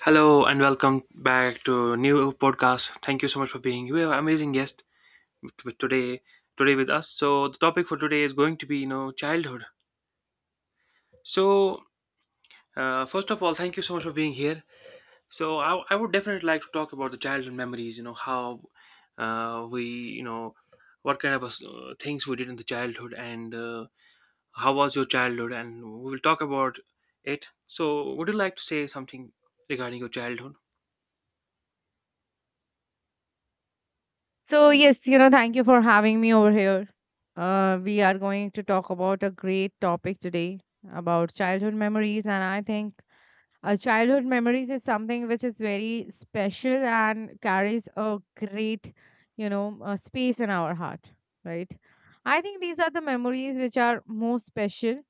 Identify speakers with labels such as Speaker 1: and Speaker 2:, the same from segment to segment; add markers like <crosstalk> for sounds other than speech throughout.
Speaker 1: Hello and welcome back to new podcast. Thank you so much for being here. Amazing guest today today with us. So the topic for today is going to be childhood. So First of all, thank you so much for being here. So I would definitely like to talk about the childhood memories. You know how we what kind of things we did in the childhood and how was your childhood and we will talk about it. So would you like to say something regarding your childhood?
Speaker 2: So, yes, thank you for having me over here. We are going to talk about a great topic today about childhood memories. And I think childhood memories is something which is very special and carries a great, space in our heart, right? I think these are the memories which are most special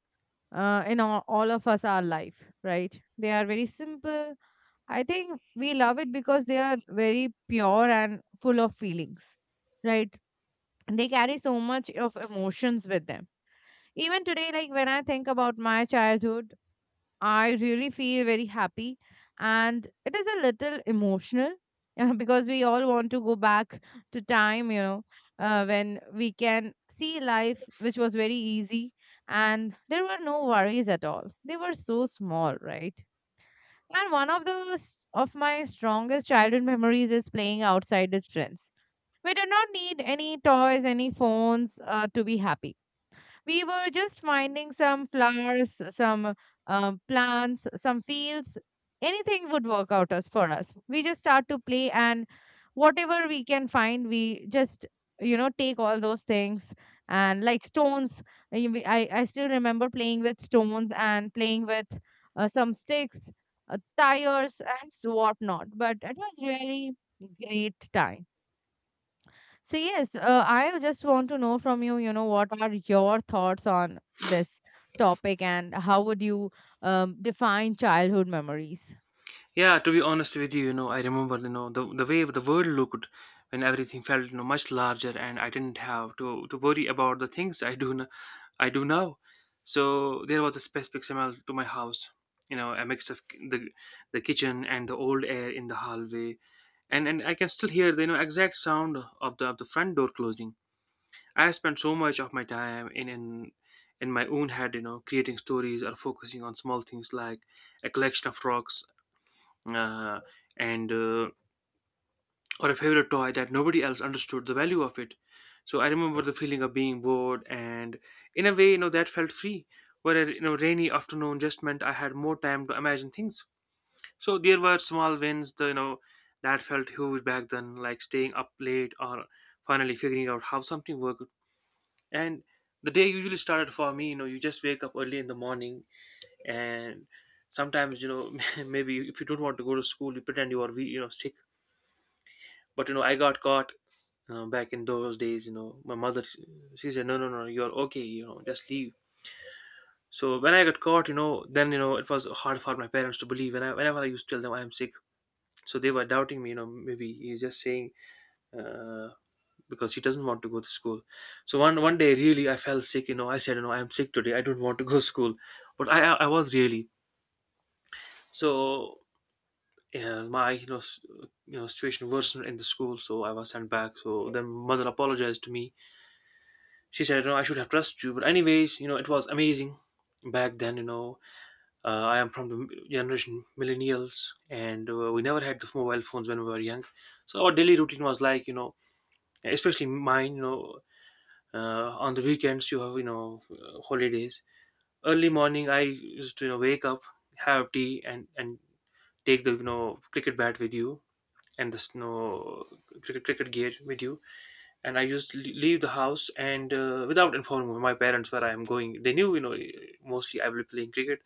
Speaker 2: in all of us, our life, right? They are very simple. I think we love it because they are very pure and full of feelings, right? They carry so much of emotions with them. Even today, like, when I think about my childhood, I really feel very happy, and it is a little emotional. <laughs> Because we all want to go back to time, when we can see life which was very easy and there were no worries at all. They were so small, right? And one of of my strongest childhood memories is playing outside with friends. We do not need any toys, any phones, to be happy. We were just finding some flowers, some plants, some fields. Anything would work out us for us. We just start to play, and whatever we can find, we just take all those things, and like stones. I still remember playing with stones and playing with some sticks, tires, and whatnot. But it was really great time. So yes, I just want to know from you, what are your thoughts on this topic, and how would you define childhood memories?
Speaker 1: Yeah, to be honest with you, you know, I remember, you know, the way the world looked when everything felt, you know, much larger, and I didn't have to worry about the things I do now. So there was a specific smell to my house, you know, a mix of the kitchen and the old air in the hallway, and I can still hear the you know exact sound of the front door closing. I spent so much of my time in my own head, you know, creating stories or focusing on small things like a collection of rocks uh, and or a favorite toy that nobody else understood the value of it. So I remember the feeling of being bored, and in a way, you know, that felt free. Where you know rainy afternoon just meant I had more time to imagine things. So there were small wins, the, you know, that felt huge back then, like staying up late or finally figuring out how something worked. And the day usually started for me, you know, you just wake up early in the morning and sometimes you know <laughs> maybe if you don't want to go to school you pretend you you know sick, but you know I got caught. Back in those days, you know, my mother, she said no, no, no, you're okay, you know, just leave. So when I got caught, you know, then you know it was hard for my parents to believe and whenever I used to tell them I'm sick, so they were doubting me, you know, maybe he's just saying uh, because he doesn't want to go to school. So one day really I felt sick, you know, I said you know I'm sick today, I don't want to go to school, but I was really so yeah, my you know situation worsened in the school, so I was sent back, so then mother apologized to me. She said, you know, I should have trusted you. But anyways, you know, it was amazing back then. You know, uh, I am from the generation millennials, and we never had the mobile phones when we were young. So our daily routine was like, you know, especially mine. You know, on the weekends you have, you know, holidays. Early morning, I used to you know wake up, have tea, and take the you know cricket bat with you and the you know, cricket gear with you and I leave the house and without informing my parents where I am going. They knew, you know, mostly I will be playing cricket,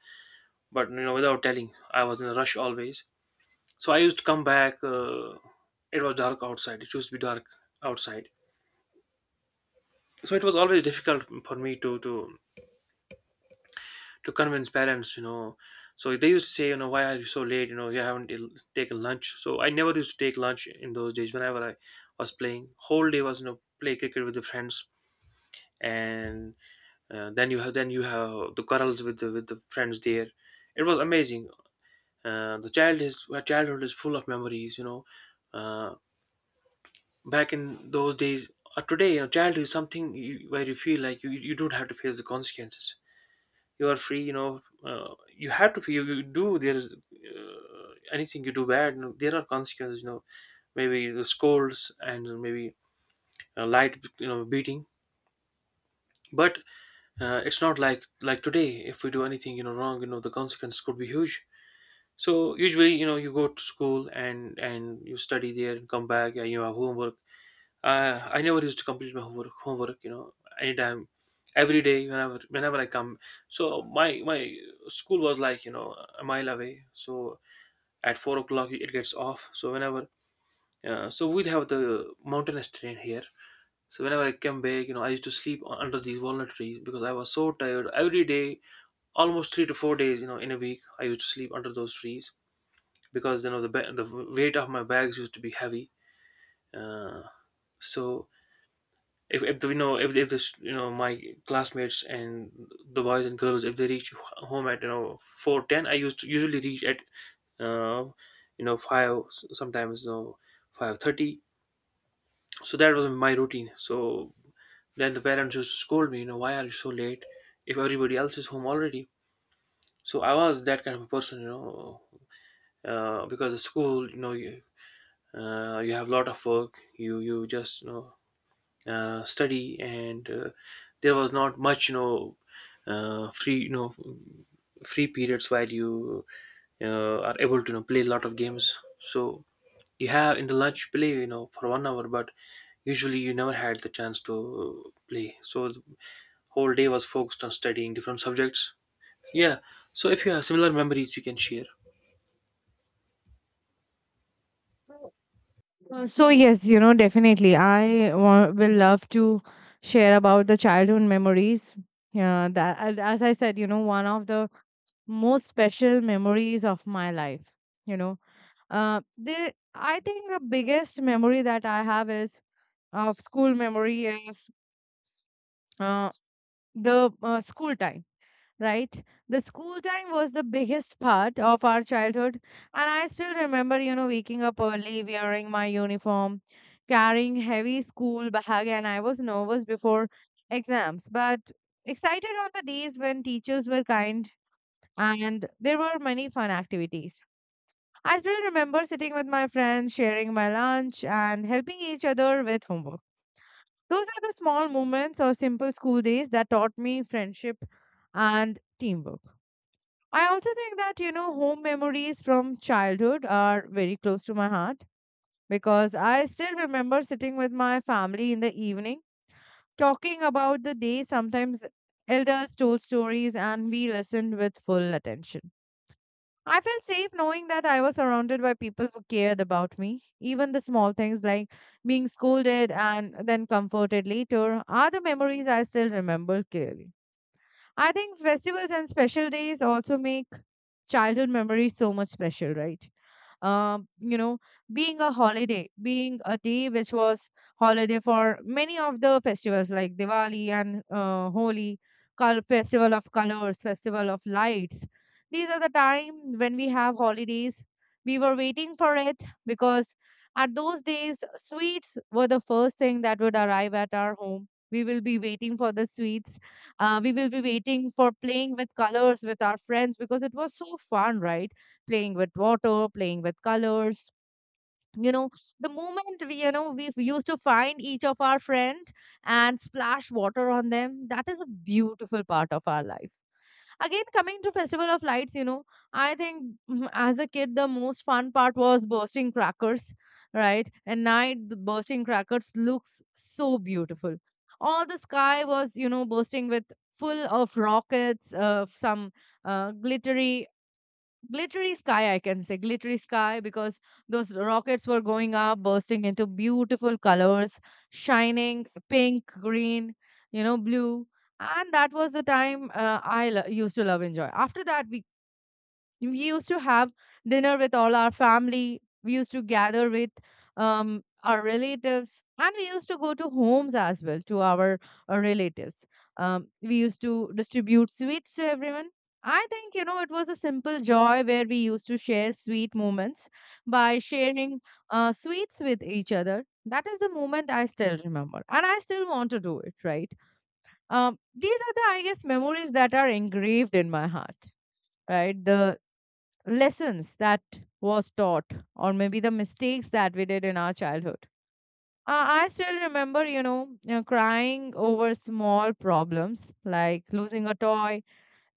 Speaker 1: but you know, without telling, I was in a rush always. So I used to come back. It was dark outside. It used to be dark outside, so it was always difficult for me to convince parents, you know. So they used to say, you know, why are you so late? You know, you haven't taken lunch. So I never used to take lunch in those days. Whenever I was playing, whole day was you know play cricket with the friends and uh, then you have the quarrels with the friends there. It was amazing. The child is childhood is full of memories. You know, uh, back in those days or today, you know, childhood is something where you feel like you don't have to face the consequences. You are free. You know, you have you do there is anything you do bad. You know, there are consequences. You know, maybe the scolds and maybe a light you know beating, but it's not like today if we do anything you know wrong, you know the consequence could be huge. So usually you know you go to school and you study there and come back and you have homework. I never used to complete my homework, you know, anytime, every day, whenever I come. So my school was like you know a mile away, so at four o'clock it gets off, so whenever so we'd have the mountainous train here. So whenever I came back, you know, I used to sleep under these walnut trees because I was so tired. Every day, almost 3 to 4 days, you know, in a week, I used to sleep under those trees because you know the weight of my bags used to be heavy. Uh, so if this you know my classmates and the boys and girls if they reach home at you know 4:10, I used to usually reach at uh, you know sometimes you know 5:30. So that was my routine. So then the parents used to scold me, you know, why are you so late if everybody else is home already? So I was that kind of a person, you know, because the school you have a lot of work, you just you know study and there was not much you know free you know free periods while you are able to you know, play a lot of games. So you have in the lunch play you know for one hour, but usually you never had the chance to play, so the whole day was focused on studying different subjects. Yeah, so if you have similar memories you can share.
Speaker 2: So yes, definitely, I will love to share about the childhood memories. Yeah, that, and as I said, one of the most special memories of my life. You know, the I think the biggest memory that I have is of school memory is uh, the school time, right? The school time was the biggest part of our childhood. And I still remember, waking up early, wearing my uniform, carrying heavy school bag, and I was nervous before exams, but excited on the days when teachers were kind and there were many fun activities. I still remember sitting with my friends, sharing my lunch, and helping each other with homework. Those are the small moments or simple school days that taught me friendship and teamwork. I also think that, home memories from childhood are very close to my heart, because I still remember sitting with my family in the evening, talking about the day. Sometimes elders told stories and we listened with full attention. I felt safe knowing that I was surrounded by people who cared about me. Even the small things like being scolded and then comforted later are the memories I still remember clearly. I think festivals and special days also make childhood memories so much special, right? Um, you know, Being a holiday, being a day which was holiday for many of the festivals like Diwali and Holi, festival of colors, festival of lights. These are the time when we have holidays. We were waiting for it, because at those days, sweets were the first thing that would arrive at our home. We will be waiting for the sweets. We will be waiting for playing with colors with our friends, because it was so fun, right? Playing with water, playing with colors, you know the moment we you know we used to find each of our friend and splash water on them, that is a beautiful part of our life. Again, coming to festival of lights, I think, as a kid the most fun part was bursting crackers, right? At night the bursting crackers looks so beautiful. All the sky was bursting with full of rockets, some uh, glittery glittery sky, I can say glittery sky, because those rockets were going up bursting into beautiful colors, shining pink, green, blue. And that was the time used to love enjoy. After that, we used to have dinner with all our family. We used to gather with our relatives, and we used to go to homes as well to our relatives. We used to distribute sweets to everyone. I think, it was a simple joy where we used to share sweet moments by sharing sweets with each other. That is the moment I still remember, and I still want to do it, right? These are the, I guess, memories that are engraved in my heart, right? The lessons that was taught, or maybe the mistakes that we did in our childhood. I still remember, you crying over small problems like losing a toy,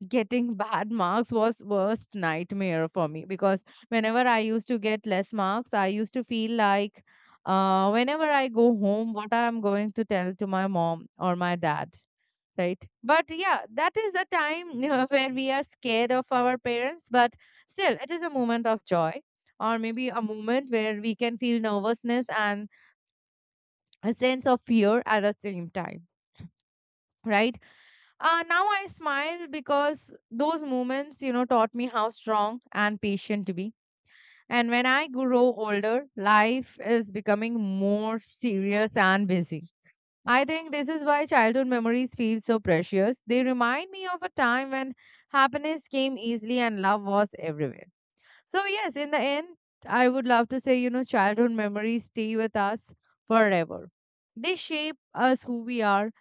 Speaker 2: getting <laughs> bad marks was worst nightmare for me, because whenever I used to get less marks, I used to feel like, whenever I go home, what I'm going to tell to my mom or my dad, right? But yeah, that is a time, <laughs> where we are scared of our parents, but still it is a moment of joy, or maybe a moment where we can feel nervousness and a sense of fear at the same time, right? Now I smile, because those moments, taught me how strong and patient to be. And when I grow older, life is becoming more serious and busy. I think this is why childhood memories feel so precious. They remind me of a time when happiness came easily and love was everywhere. So, yes, in the end, I would love to say, childhood memories stay with us forever. They shape us who we are,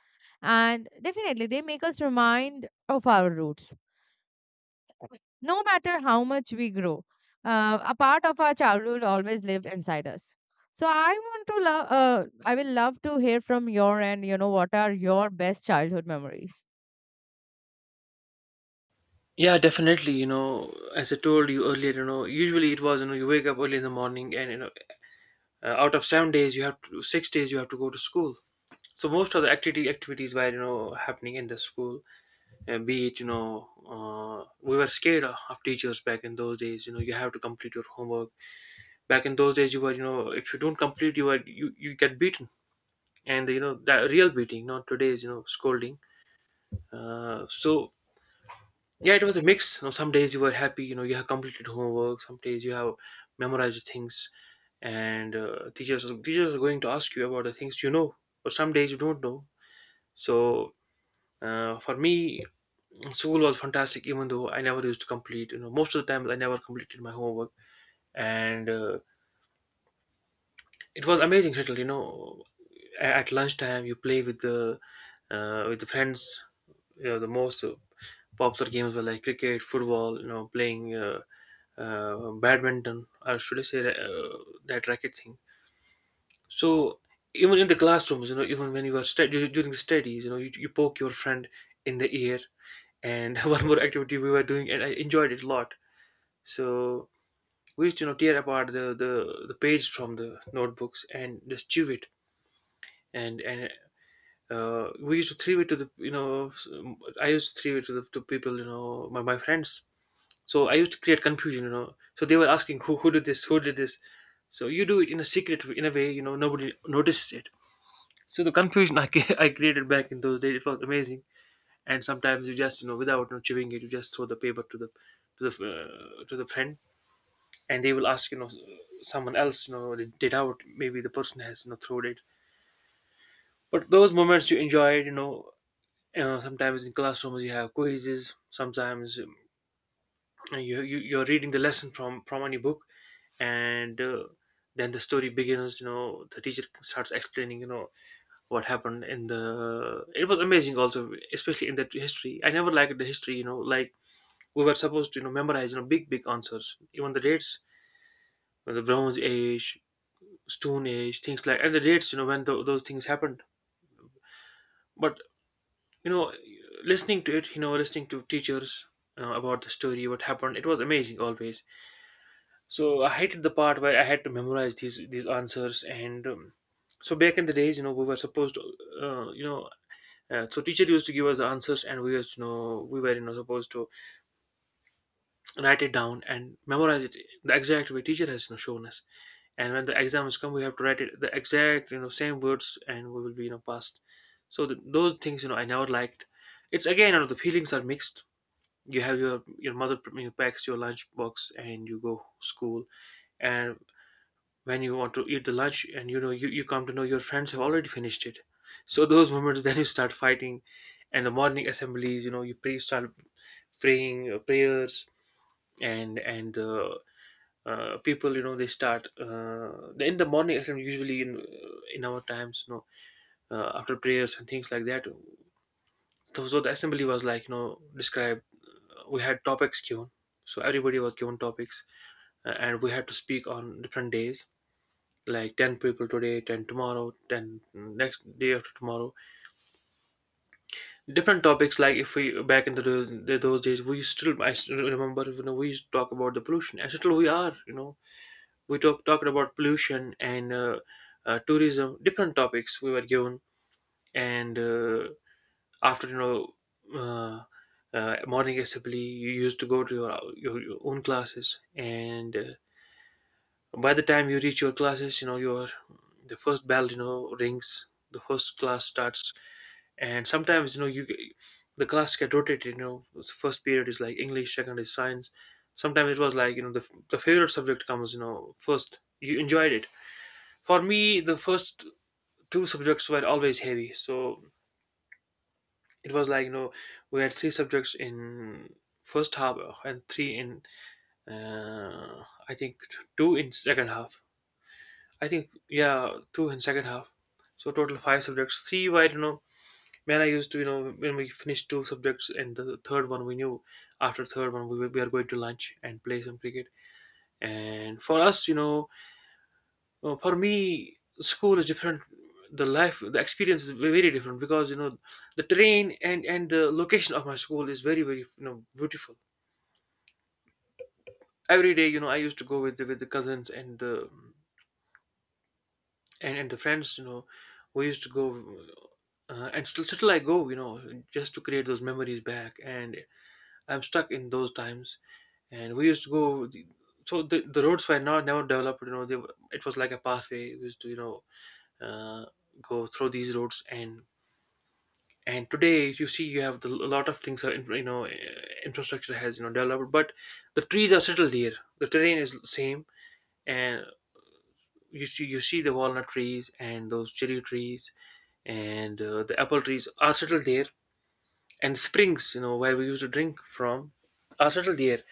Speaker 2: and definitely they make us remind of our roots no matter how much we grow. A part of our childhood always live inside us. So I want to love. I will love to hear from your end. What are your best childhood memories?
Speaker 1: Yeah, definitely. You know, as I told you earlier, you know, usually it was, you know, you wake up early in the morning and, you know, out of 7 days, you have to, 6 days, you have to go to school. So most of the activity activities were, you know, happening in the school, be it, you know, we were scared of teachers back in those days. You know, you have to complete your homework. Back in those days, you were, you know, if you don't complete, you get beaten. And, you know, that real beating, not today's, you know, scolding. So yeah it was a mix, you know, some days you were happy, you know, you have completed homework, some days you have memorized things, and uh, teachers are going to ask you about the things, you know, but some days you don't know. So for me school was fantastic, even though I never used to complete, you know, most of the time I never completed my homework. And it was amazing settle, you know, at lunchtime you play with the friends. You know the most popular games were like cricket, football, you know, playing badminton, or should I say that racket thing. So even in the classrooms, you know, even when you are during the studies, you know, you poke your friend in the ear. And <laughs> one more activity we were doing, and I enjoyed it a lot. So we used to, you know, tear apart the the page from the notebooks and just chew it. And we used to throw it to the, you know, I used to throw it to the to people, you know, my friends. So I used to create confusion, you know. So they were asking who did this, who did this. So you do it in a secret, in a way, you know, nobody notices it. So the confusion <laughs> I created back in those days, it was amazing. And sometimes you just, you know, without you know, chewing it, you just throw the paper to the to the friend, and they will ask, you know, someone else, you know, they did out. Maybe the person has, you know, thrown it. But those moments you enjoyed, you know. Sometimes in classrooms you have quizzes. Sometimes you're reading the lesson from any book and then the story begins. You know, the teacher starts explaining, you know, what happened in the it was amazing also, especially in that history. I never liked the history, you know, like we were supposed to, you know, memorize, you know, big big answers, even the dates, you know, the bronze age, stone age things like and the dates, you know, when those things happened. But you know, listening to it, you know, listening to teachers, you know, about the story what happened, it was amazing always. So I hated the part where I had to memorize these answers. And so back in the days, you know, we were supposed to, you know, so teacher used to give us the answers, and we used to know we were, you know, supposed to write it down and memorize it the exact way teacher has, you know, shown us. And when the exams come, we have to write it the exact, you know, same words, and we will be, you know, passed. So th those things, you know, I never liked. It's again, you know, the feelings are mixed. You have your mother, you know, packs your lunch box and you go school, and when you want to eat the lunch and you know you come to know your friends have already finished it, so those moments <laughs> then you start fighting. And the morning assemblies, you know, you pray start praying prayers. And the people, you know, they start in the morning assembly usually in our times, you know, after prayers and things like that. So, so the assembly was like, you know, described. We had topics given, so everybody was given topics and we had to speak on different days, like 10 people today, 10 tomorrow, 10 next day, after tomorrow, different topics. Like if we back into those days, we still I still remember, you know, we used to talk about the pollution and still we are, you know, we talk talking about pollution and tourism, different topics we were given. And after, you know, uh, morning assembly you used to go to your own classes, and by the time you reach your classes, you know, your the first bell, you know, rings, the first class starts. And sometimes, you know, you the class get rotated, you know, the first period is like English, second is science. Sometimes it was like, you know, the favorite subject comes, you know, first, you enjoyed it. For me, the first two subjects were always heavy, so it was like, you know, we had three subjects in first half and three in I think two in second half. I think, yeah, two in second half. So total five subjects. Three wide, you know, man, I used to, you know, when we finished two subjects and the third one we knew, after third one we are going to lunch and play some cricket. And for us, you know, for me, school is different. The life, the experience is very different because, you know, the terrain and the location of my school is very very, you know, beautiful. Every day, you know, I used to go with with the cousins and the and the friends, you know, we used to go and still I go, you know, just to create those memories back, and I'm stuck in those times. And we used to go. So the roads were not never developed, you know, it was like a pathway we used to, you know, uh, go through these roads. And today if you see you have a lot of things are in, you know, infrastructure has, you know, developed, but the trees are settled here, the terrain is same. And you see, you see the walnut trees and those cherry trees, and the apple trees are settled there. And springs, you know, where we used to drink from, are settled there.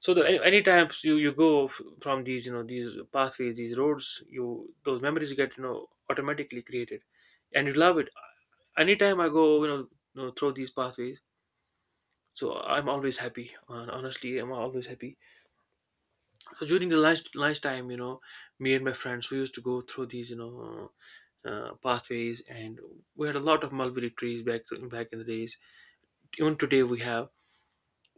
Speaker 1: So any times you go from these, you know, these pathways, these roads, you those memories get, you know, automatically created, and you love it. Anytime I go, you know, you know, through these pathways, so I'm always happy. Honestly, I'm always happy. So during the lunchtime, you know, me and my friends, we used to go through these, you know, pathways, and we had a lot of mulberry trees back in the days. Even today we have,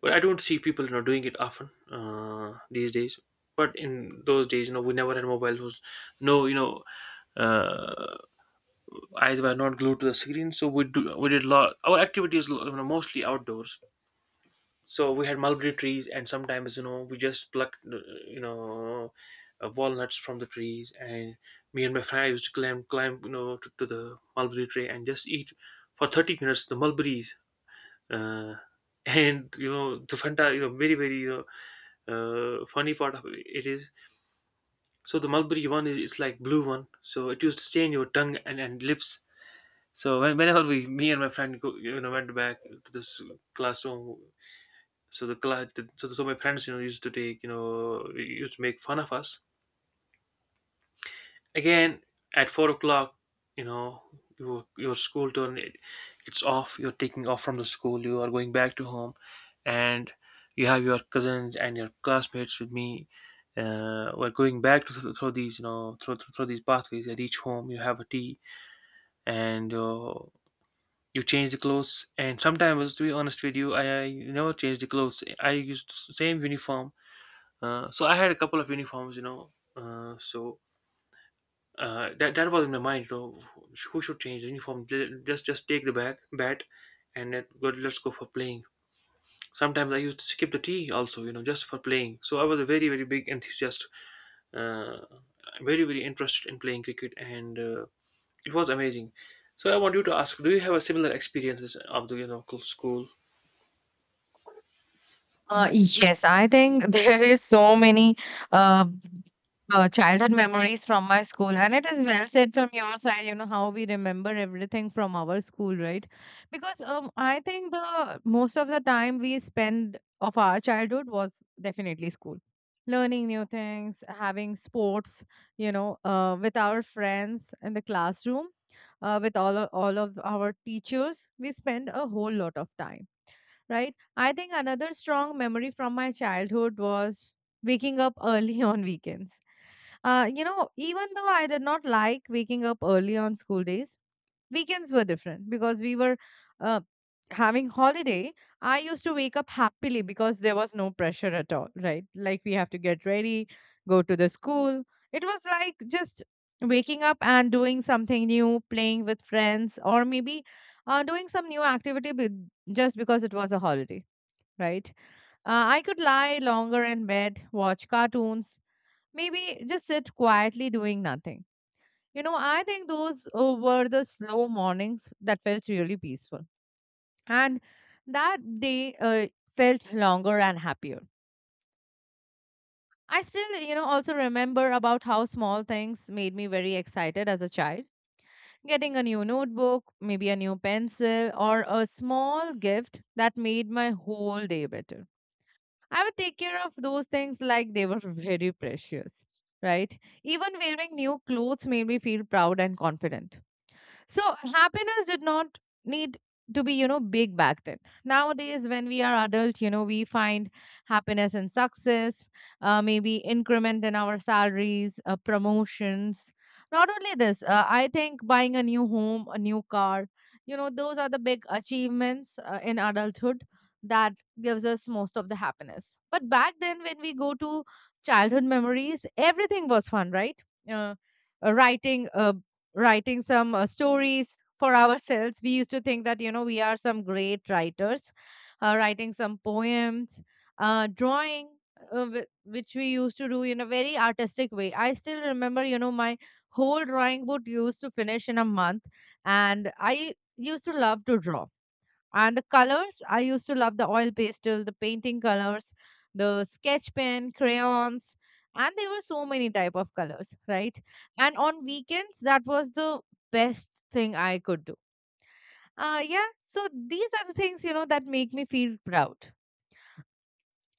Speaker 1: but I don't see people, you know, doing it often these days. But in those days, you know, we never had mobile phones. No, you know, uh, eyes were not glued to the screen, so we did a lot. Our activities, you know, mostly outdoors. So we had mulberry trees, and sometimes, you know, we just plucked you know, walnuts from the trees. And me and my friend used to climb, you know, to the mulberry tree and just eat for 30 minutes the mulberries. uh, <laughs> and you know the fanta, you know, very very funny part of it is, so the mulberry one is it's like blue one, so it used to stay in your tongue and lips. So whenever we me and my friend go, you know, went back to this classroom. So the class, so my friends, you know, used to take you know used to make fun of us again. At 4 o'clock, you know, your school turn it's off, you're taking off from the school, you are going back to home. And you have your cousins and your classmates with me, we're going back to, through these, you know, through these pathways. At each home you have a tea, and you change the clothes. And sometimes to be honest with you, I never changed the clothes, I used the same uniform. So I had a couple of uniforms, you know. So that was in my mind, you know, who should change the uniform? Just take the bag bat, and then go, let's go for playing. Sometimes I used to skip the tea also, you know, just for playing. So I was a very very big enthusiast, uh, very very interested in playing cricket, and it was amazing. So I want you to ask, do you have a similar experiences of the, you know, school?
Speaker 2: Yes, I think <laughs> there is so many uh, childhood memories from my school, and it is well said from your side. You know how we remember everything from our school, right? Because I think the most of the time we spend of our childhood was definitely school, learning new things, having sports, with our friends in the classroom, with all of our teachers. We spend a whole lot of time, right? I think another strong memory from my childhood was waking up early <laughs> on weekends. Even though I did not like waking up early on school days, weekends were different because we were uh, having holiday. I used to wake up happily because there was no pressure at all, right? Like we have to get ready, go to the school. It was like just waking up and doing something new, playing with friends, or maybe doing some new activity just because it was a holiday, right? I could lie longer in bed, watch cartoons, maybe just sit quietly doing nothing. I think those were the slow mornings that felt really peaceful. And that day felt longer and happier. I still, also remember about how small things made me very excited as a child. Getting a new notebook, maybe a new pencil, or a small gift that made my whole day better. I would take care of those things like they were <laughs> very precious, right? Even wearing new clothes made me feel proud and confident. So happiness did not need to be, big back then. Nowadays, when we are adult, we find happiness in success, maybe increment in our salaries, promotions. Not only this, I think buying a new home, a new car, those are the big achievements in adulthood that gives us most of the happiness. But back then, when we go to childhood memories, everything was fun, right? Uh, uh, writing uh, Writing some stories for <laughs> ourselves, we used to think that, we are some great writers, writing some poems, drawing, which we used to do in a very artistic way. I still remember, my whole drawing book used to finish in a month. And I used to love to draw, and the colors, I used to love the oil pastel, the painting colors, the sketch pen, crayons, and there were so many type of colors, right? And on weekends, that was the best thing I could do. Yeah, so these are the things, that make me feel proud.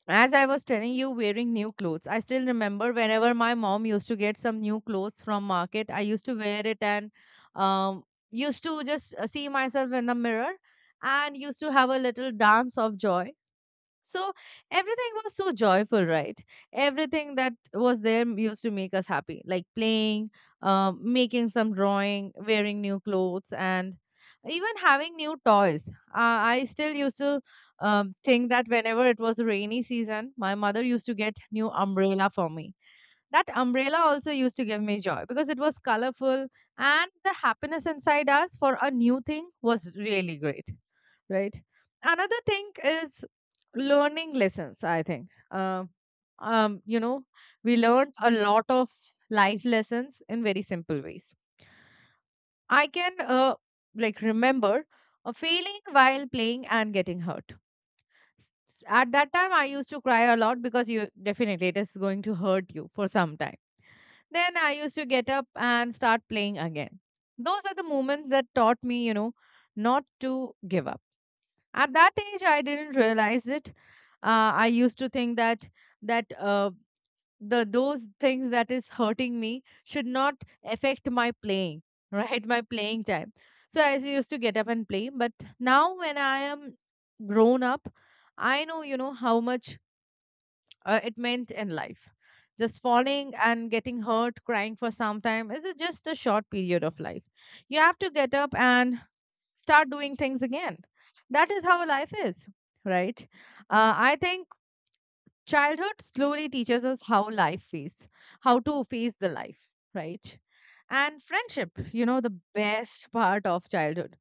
Speaker 2: As I was telling you, wearing new clothes. I still remember whenever my mom used to get some new clothes from market, I used to wear it and um, used to just see myself in the mirror and used to have a little dance of joy, so everything was so joyful, right? Everything that was there used to make us happy, like playing, making some drawing, wearing new clothes, and even having new toys. I still used to think that whenever it was a rainy season, my mother used to get new umbrella for me. That umbrella also used to give me joy because it was colorful, and the happiness inside us for a new thing was really great, right? Another thing is learning lessons, I think. Um, you know, we learned a lot of life lessons in very simple ways. I can like remember a feeling while playing and getting hurt. At that time, I used to cry a lot because you definitely it is going to hurt you for some time, then I used to get up and start playing again. Those are the moments that taught me, you know, not to give up. At that age, I didn't realize it. I used to think that that uh, the those things that is hurting me should not affect my playing, <laughs> right? My playing time. So I used to get up and play. But now, when I am grown up, I know, you know, how much it meant in life. Just falling and getting hurt, crying for some time is just a short period of life. You have to get up and start doing things again. That is how life is, right? I think childhood slowly teaches us how life is, how to face the life, right? And friendship, you know, the best part of childhood.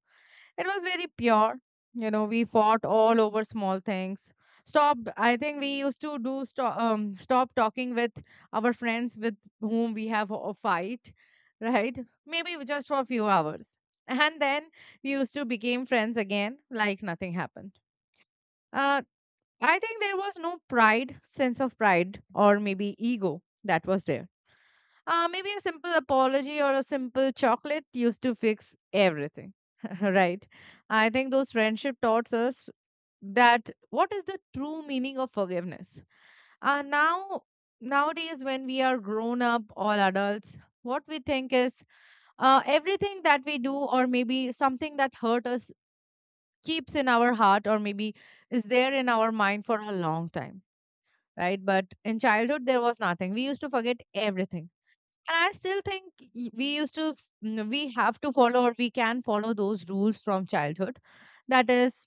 Speaker 2: It was very pure. You know, we fought all over small things. Stop. I think we used to do stop. Stop talking with our friends with whom we have a fight, right? Maybe just for a few hours, and then we used to became friends again, like nothing happened. Uh, I think there was no pride, sense of pride, or maybe ego that was there. Maybe a simple apology or a simple chocolate used to fix everything. <laughs> Right. I think those friendship taught us that what is the true meaning of forgiveness. Uh, now, Nowadays, when we are grown up, all adults, what we think is everything that we do, or maybe something that hurt us, keeps in our heart, or maybe is there in our mind for a long time. Right. But in childhood, there was nothing. We used to forget everything, and I still think we used to, we have to follow or we can follow those rules from childhood, that is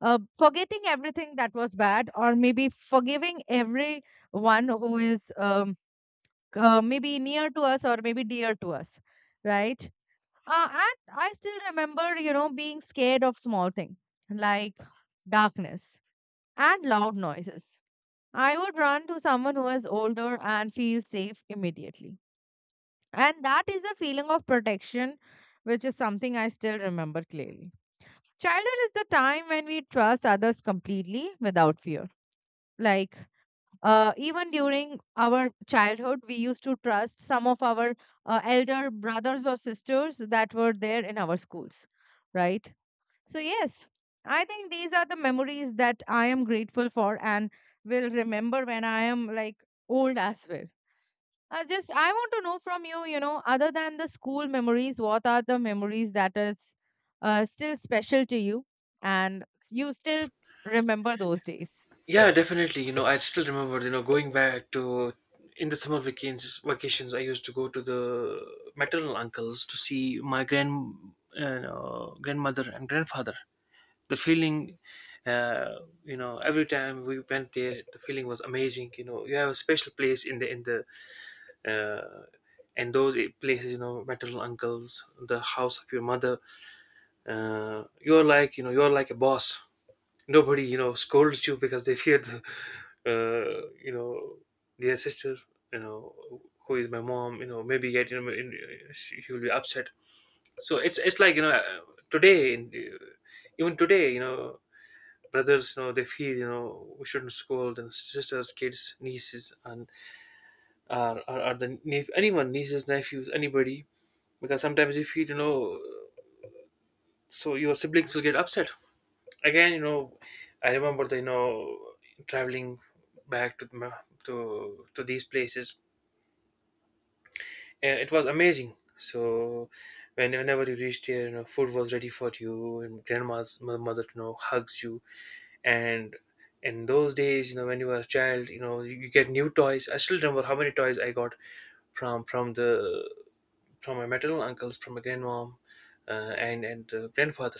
Speaker 2: forgetting everything that was bad or maybe forgiving everyone who is maybe near to us or maybe dear to us, right. And I still remember, you know, being scared of small things, like darkness and loud noises. I would run to someone who was older and feel safe immediately, and that is a feeling of protection, which is something I still remember clearly. Childhood is the time when we trust others completely without fear. Like, even during our childhood, we used to trust some of our elder brothers or sisters that were there in our schools, right? So, yes, I think these are the memories that I am grateful for and will remember when I am like old as well. I want to know from you, you know, other than the school memories, what are the memories that is still special to you and you still remember those days?
Speaker 1: Yeah, definitely. You know, I still remember, you know, going back to in the summer vacations, I used to go to the maternal uncles to see my grandmother and grandfather. The feeling, uh, you know, every time we went there, the feeling was amazing. You know, you have a special place in the uh, and those places, you know, maternal uncles, the house of your mother. You're like, you know, you're like a boss. Nobody, you know, scolds you because they fear <laughs> you know, their sister, you know, who is my mom, you know, maybe yet, you know, she will be upset. So it's like, you know, today, even today, you know, brothers, you know, they feel, you know, we shouldn't scold, and sisters, kids, nieces, and are the anyone, nieces, nephews, anybody, because sometimes you feel, you know, so your siblings will get upset again. You know, I remember the, you know, traveling back to to these places, and it was amazing. So whenever you reached here, you know, food was ready for you, and grandma's mother, you know, hugs you. And in those days, you know, when you were a child, you know, you get new toys. I still remember how many toys I got from the from my maternal uncles, from my grandmom, and grandfather.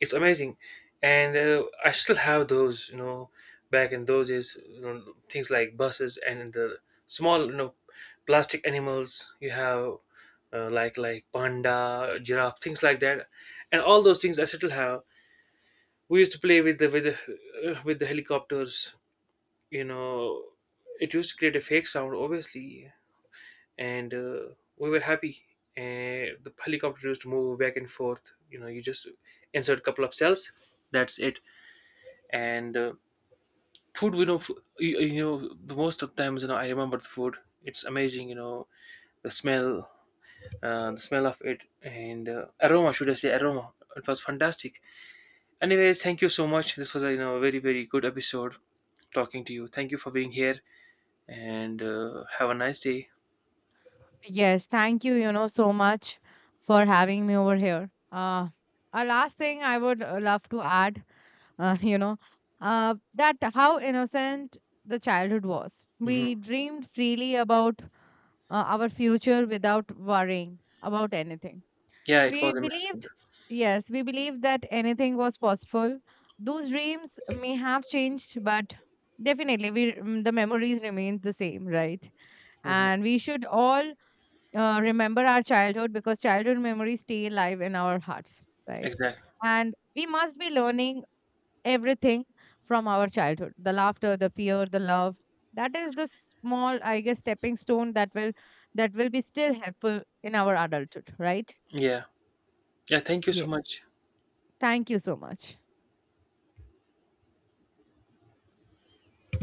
Speaker 1: It's amazing. And I still have those, you know, back in those days, you know, things like buses and the small, you know, plastic animals you have, like panda, giraffe, things like that. And all those things I still have. We used to play with the with with the helicopters, you know, it used to create a fake sound obviously. And we were happy. And the helicopter used to move back and forth, you know, you just insert a couple of cells, that's it. And food we know you, you know, the most of times, you know, I remember the food. It's amazing, you know, the smell, the smell of it and aroma, should I say aroma, it was fantastic. Anyways, thank you so much, this was a, you know, a very very good episode talking to you. Thank you for being here, and have a nice day.
Speaker 2: Yes, thank you, you know, so much for having me over here. A last thing I would love to add, <laughs> you know, that how innocent the childhood was.
Speaker 1: Hmm.
Speaker 2: We dreamed freely about our future without worrying about anything.
Speaker 1: Yeah, it
Speaker 2: We
Speaker 1: was amazing.
Speaker 2: believed, yes, we believed that anything was possible. Those dreams may have changed, but definitely we, the memories remain the same, right?
Speaker 1: Hmm.
Speaker 2: And we should all remember our childhood because childhood memories stay alive in our hearts, right?
Speaker 1: Exactly.
Speaker 2: And we must be learning everything from our childhood, the laughter, the fear, the love. That is the small, I guess, stepping stone that will, that will be still helpful in our adulthood, right?
Speaker 1: Yeah, yeah, thank you so
Speaker 2: Yes.
Speaker 1: much.
Speaker 2: Thank you so much.